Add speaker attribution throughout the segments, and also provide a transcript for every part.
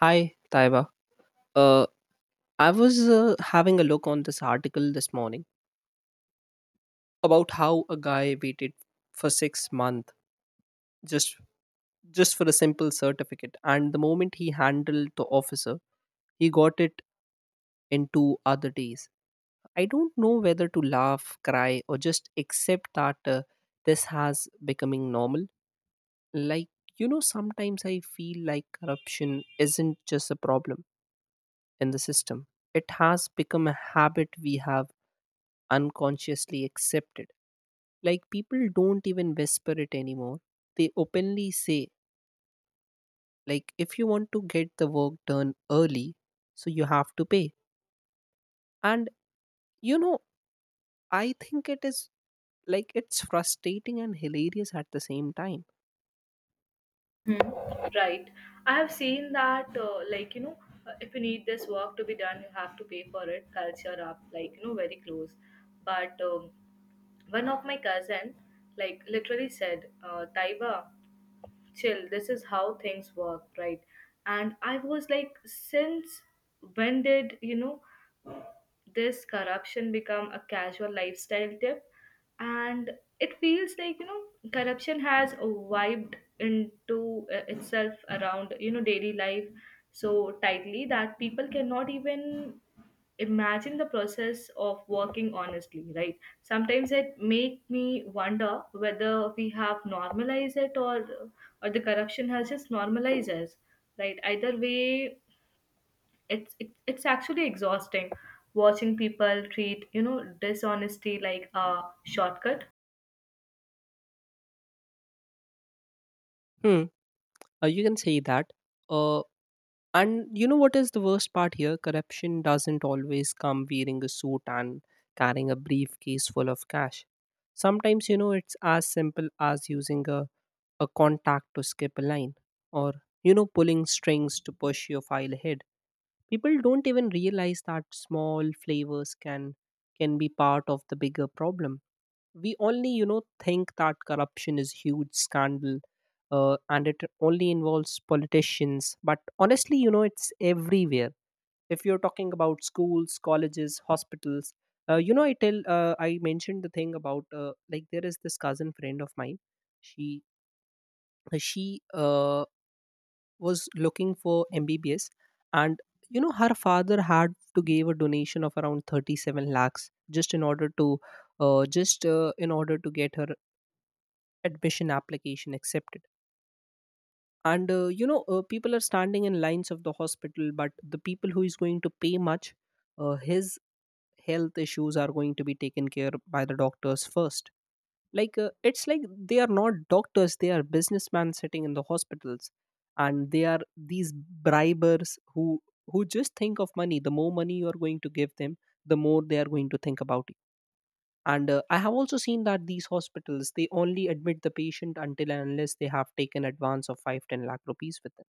Speaker 1: Hi, Taiba. Uh, I was having a look on this article this morning about how a guy waited for 6 months just just for a simple certificate, and the moment he handled the officer, he got it in two other days. I don't know whether to laugh, cry, or just accept that this has becoming normal. Like Sometimes I feel like corruption isn't just a problem in the system; it has become a habit we have unconsciously accepted. Like, people don't even whisper it anymore, they openly say, like, if you want to get the work done early, so you have to pay. And you know i think it is like it's frustrating and hilarious at the same time.
Speaker 2: Hmm, right. I have seen that, if you need this work to be done, you have to pay for it, culture up, very close. But one of my cousin, like, literally said, Taiba, chill, this is how things work, right? And I was like, since when did this corruption become a casual lifestyle tip, and it feels like corruption has wiped into itself around daily life so tightly that people cannot even imagine the process of working honestly, right? Sometimes it make me wonder whether we have normalized it, or the corruption has just normalized us, right? Either way, it's actually exhausting watching people treat dishonesty like a shortcut.
Speaker 1: Hmm. You can say that. Uh, and you know what is the worst part here? Corruption doesn't always come wearing a suit and carrying a briefcase full of cash. Sometimes, you know, it's as simple as using a contact to skip a line, or, you know, pulling strings to push your file ahead. People don't even realize that small flavors can be part of the bigger problem. We only, you know, think that corruption is huge scandal, and it only involves politicians. But honestly, you know, it's everywhere. If you're talking about schools, colleges, hospitals, I mentioned the thing about like there is this cousin friend of mine. She she was looking for MBBS, and you know her father had to give a donation of around 37 lakhs just in order to just in order to get her admission application accepted. And you know People are standing in lines of the hospital, but the people who is going to pay much, his health issues are going to be taken care by the doctors first. It's like they are not doctors, they are businessmen sitting in the hospitals, and they are these bribers who just think of money. The more money you are going to give them, the more they are going to think about you. And I have also seen that these hospitals, they only admit the patient until and unless they have taken advance of 5 10 lakh rupees with them.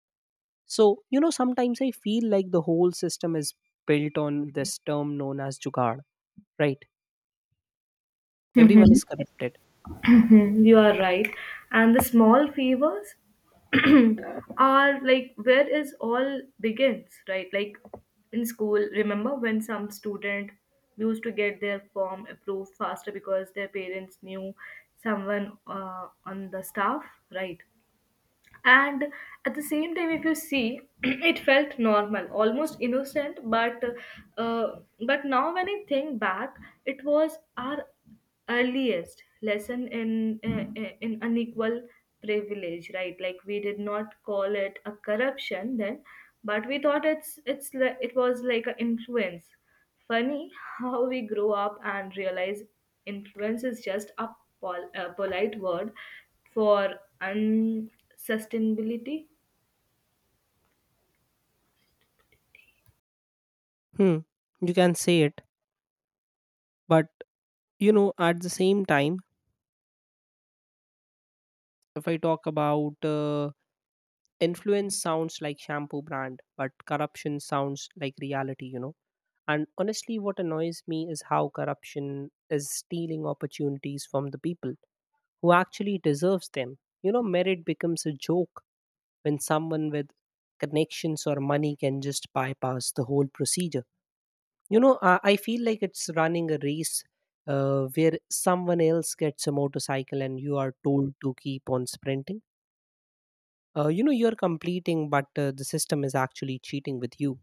Speaker 1: So you know, sometimes I feel like the whole system is built on this term known as jugaad, right? Everyone
Speaker 2: Mhm.
Speaker 1: is corrupted.
Speaker 2: You are right, and the small favors are like where is all begins, right? Like in school, remember when some student used to get their form approved faster because their parents knew someone on the staff, right? And at the same time, if you see, it felt normal, almost innocent, uh, but now when I think back, it was our earliest lesson in unequal privilege, right? Like, we did not call it a corruption then, but we thought it was like an influence. Funny how we grow up and realize influence is just a, a polite word for unsustainability.
Speaker 1: Hmm, you can say it. But you know, at the same time, if I talk about influence sounds like shampoo brand, but corruption sounds like reality, you know. And honestly, what annoys me is how corruption is stealing opportunities from the people who actually deserves them. You know, merit becomes a joke when someone with connections or money can just bypass the whole procedure. I feel like it's running a race where someone else gets a motorcycle and you are told to keep on sprinting. You know, you're completing, but the system is actually cheating with you.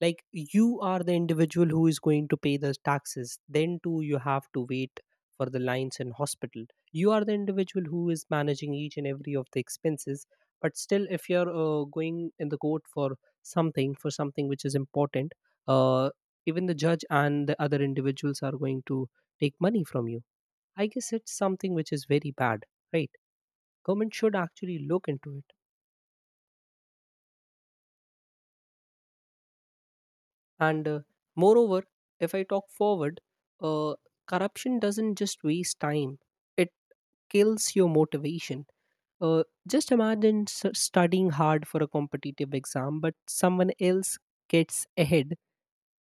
Speaker 1: Like, you are the individual who is going to pay the taxes, then too you have to wait for the lines in hospital. You are the individual who is managing each and every of the expenses, but still, if you're going in the court for something which is important, uh, even the judge and the other individuals are going to take money from you. I guess it's something which is very bad, right? Government should actually look into it. And moreover, if I talk forward, uh, corruption doesn't just waste time, it kills your motivation. Just imagine studying hard for a competitive exam, but someone else gets ahead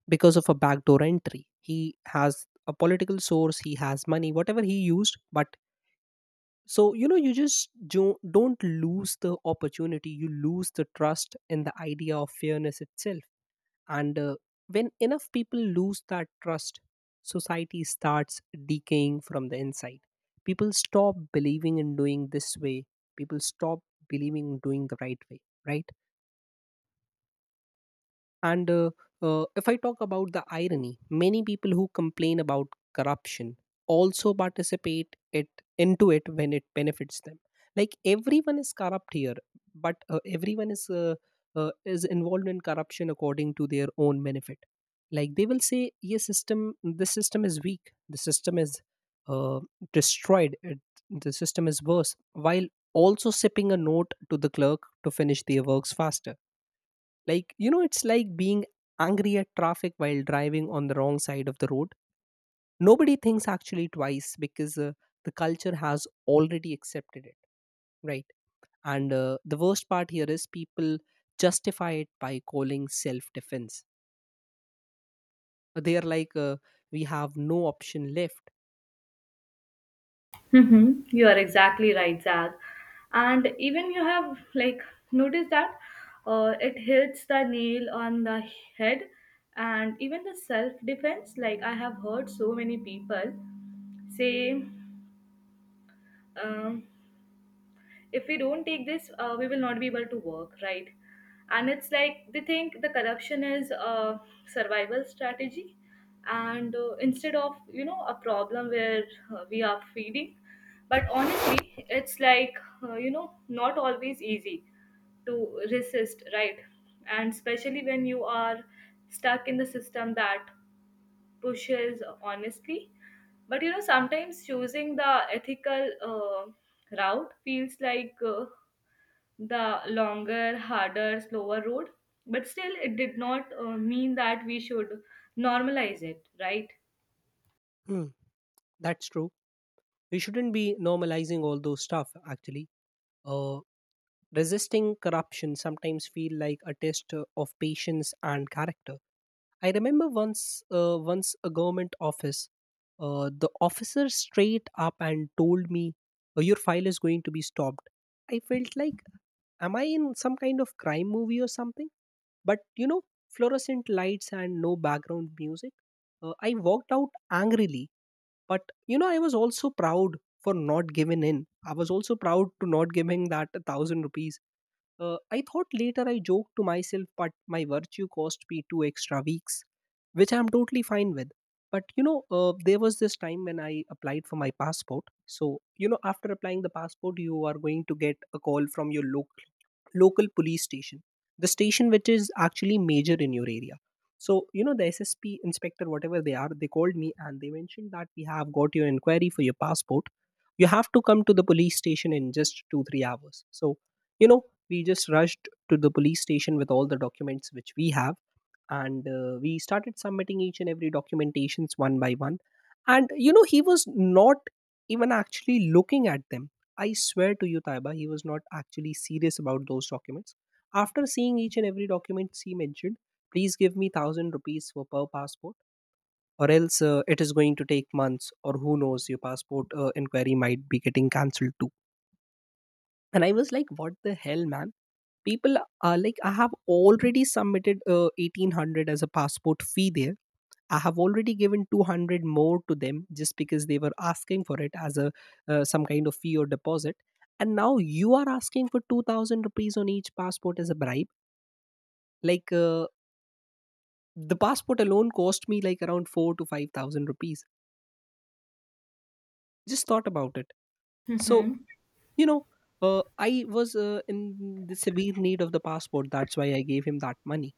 Speaker 1: because of a backdoor entry. He has a political source, he has money, whatever he used, but so you know, you just don't lose the opportunity, you lose the trust in the idea of fairness itself. And when enough people lose that trust, society starts decaying from the inside. People stop believing in doing this way. People stop believing in doing the right way, right? And if I talk about the irony, many people who complain about corruption also participate it into it when it benefits them. Like, everyone is corrupt here, but everyone is involved in corruption according to their own benefit. Like they will say, "Yes, system. The system is weak. The system is uh, destroyed. The system is worse." While also sipping a note to the clerk to finish their works faster, like, you know, it's like being angry at traffic while driving on the wrong side of the road. Nobody thinks actually twice because the culture has already accepted it, right? And the worst part here is people justify it by calling self defense. They are like, we have no option left.
Speaker 2: Hmm, you are exactly right, Zag. And even you have like noticed that it hits the nail on the head, and even the self defense. Like, I have heard so many people say. Um, if we don't take this, we will not be able to work, right? And it's like they think the corruption is a survival strategy and instead of a problem where we are feeding, but honestly it's like, not always easy to resist, right? And especially when you are stuck in the system that pushes honestly, but you know sometimes choosing the ethical route feels like the longer harder slower road. But still, it did not mean that we should normalize it, right?
Speaker 1: Hmm, that's true. We shouldn't be normalizing all those stuff, actually. Uh, resisting corruption sometimes feel like a test of patience and character. I remember once a government office, the officer straight up and told me, "Oh, Your file is going to be stopped." I felt like, am I in some kind of crime movie or something? But you know, fluorescent lights and no background music. I walked out angrily, but you know, I was also proud for not giving in. I was also proud to not giving that thousand rupees. I thought later, I joked to myself, but my virtue cost me two extra weeks, which I'm totally fine with. But you know, there was this time when I applied for my passport. So, you know, after applying the passport, you are going to get a call from your local police station, the station which is actually major in your area. So, you know, the SSP inspector, whatever they are, they called me and they mentioned that we have got your inquiry for your passport. You have to come to the police station in just two, 3 hours. So, you know, we just rushed to the police station with all the documents which we have, and we started submitting each and every documentations one by one. And you know, he was not even actually looking at them. I swear to you, Taiba, he was not actually serious about those documents. After seeing each and every document, he mentioned, "Please give me 1000 rupees for per passport, or else it is going to take months, or who knows, your passport inquiry might be getting cancelled too." And I was like, what the hell, man? People are like, I have already submitted 1800 as a passport fee there. I have already given 200 more to them just because they were asking for it as a some kind of fee or deposit, and now you are asking for 2000 rupees on each passport as a bribe. like uh, the passport alone cost me like around 4 to 5000 rupees. Just thought about it. So
Speaker 2: Mm-hmm.
Speaker 1: you know, I was in the severe need of the passport, that's why I gave him that money,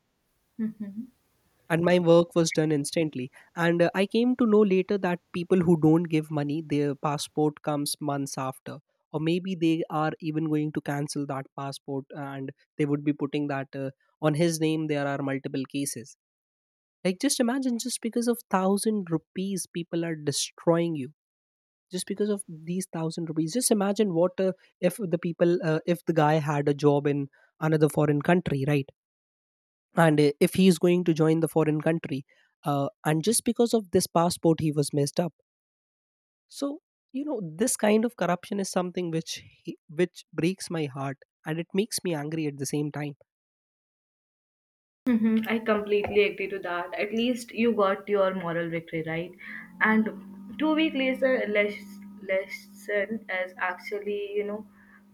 Speaker 1: and my work was done instantly. And I came to know later that people who don't give money, their passport comes months after, or maybe they are even going to cancel that passport, and they would be putting that on his name. There are multiple cases. Like, just imagine, just because of 1000 rupees, people are destroying you. Just because of these 1000 rupees, just imagine what if the guy had a job in another foreign country, right? And if he is going to join the foreign country, and just because of this passport he was messed up. So you know, this kind of corruption is something which breaks my heart and it makes me angry at the same time.
Speaker 2: Mhm, I completely agree to that. At least you got your moral victory, right? And 2 week later, lesson is actually, you know,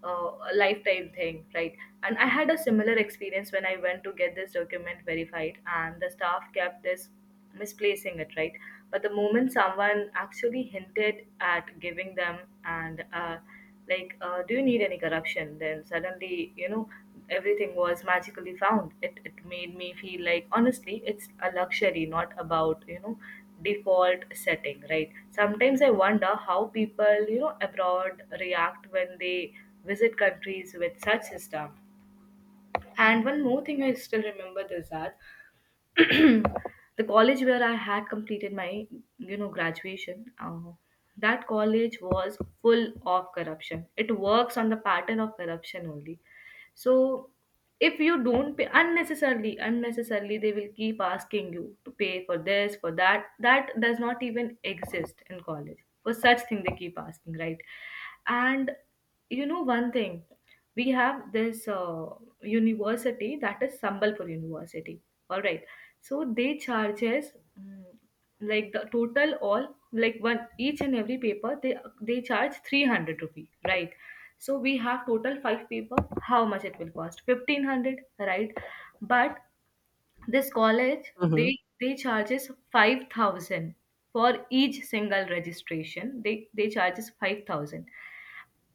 Speaker 2: uh, a lifetime thing, right? And I had a similar experience when I went to get this document verified, and the staff kept this misplacing it, right? But the moment someone actually hinted at giving them and, do you need any corruption? Then suddenly, you know, everything was magically found. It made me feel like, honestly, it's a luxury, not about default setting, right? Sometimes I wonder how people you know abroad react when they visit countries with such system. And one more thing I still remember is that the college where I had completed my, you know, graduation, that college was full of corruption. It works on the pattern of corruption only. So if you don't pay, unnecessarily they will keep asking you to pay for this, for that, that does not even exist in college. For such thing they keep asking, right? And you know, one thing, we have this university that is Sambalpur University. All right, so they charges, mm, like the total all like one, each and every paper, they charge 300 rupee, right? So we have total five paper, how much it will cost? 1500, right? But this college,
Speaker 1: Mhm.
Speaker 2: they charges 5000 for each single registration, they charges 5000.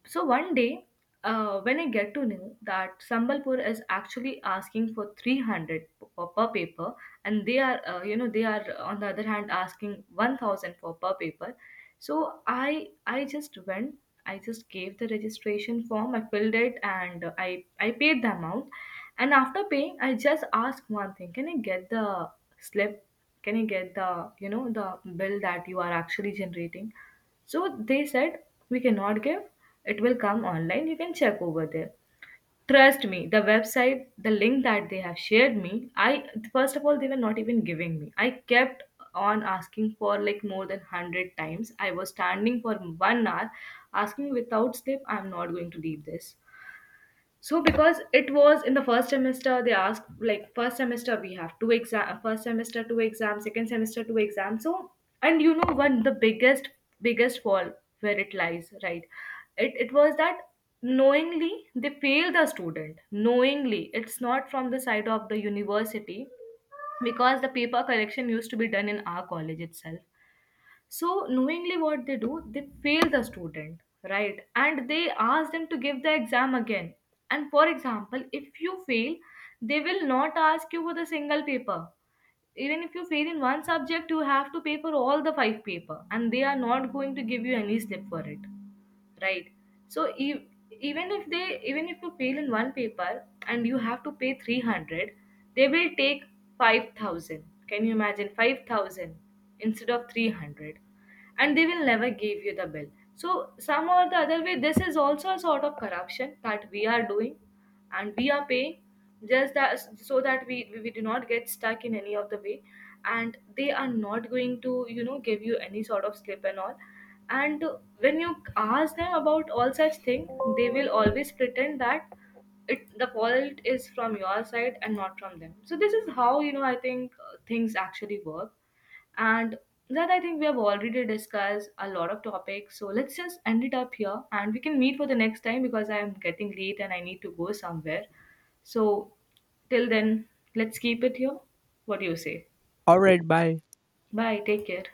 Speaker 2: So one day, when I get to know that Sambalpur is actually asking for 300 per paper, and they are, on the other hand asking 1000 for per paper. So I just went, I just gave the registration form, I filled it, and I paid the amount. And after paying, I just asked one thing: can I get the slip? Can I get the, you know, the bill that you are actually generating? So they said, we cannot give. It will come online. You can check over there. Trust me, the website, the link that they have shared me, I, first of all they were not even giving me. I kept on asking for like more than 100 times. I was standing for 1 hour asking without sleep, I'm not going to leave this. So because it was in the first semester, they asked like first semester we have two exam, first semester two exams, second semester two exams. So, and you know one the biggest fall where it lies, right? It was that knowingly they fail the student, knowingly. It's not from the side of the university because the paper collection used to be done in our college itself. So knowingly, what they do, they fail the student, right? And they ask them to give the exam again. And for example, if you fail, they will not ask you for the single paper. Even if you fail in one subject, you have to pay for all the five paper, and they are not going to give you any slip for it, right? So even if they, even if you fail in one paper and you have to pay 300, they will take 5000. Can you imagine? 5000 instead of 300. And they will never give you the bill. So some or the other way, this is also a sort of corruption that we are doing, and we are paying just that, so that we do not get stuck in any of the way. And they are not going to, you know, give you any sort of slip and all. And when you ask them about all such thing, they will always pretend that it, the fault is from your side and not from them. So this is how, you know, I think, things actually work. And that, I think we have already discussed a lot of topics, so let's just end it up here and we can meet for the next time because I am getting late and I need to go somewhere. So till then, let's keep it here. What do you say?
Speaker 1: All right, bye.
Speaker 2: Bye. Take care.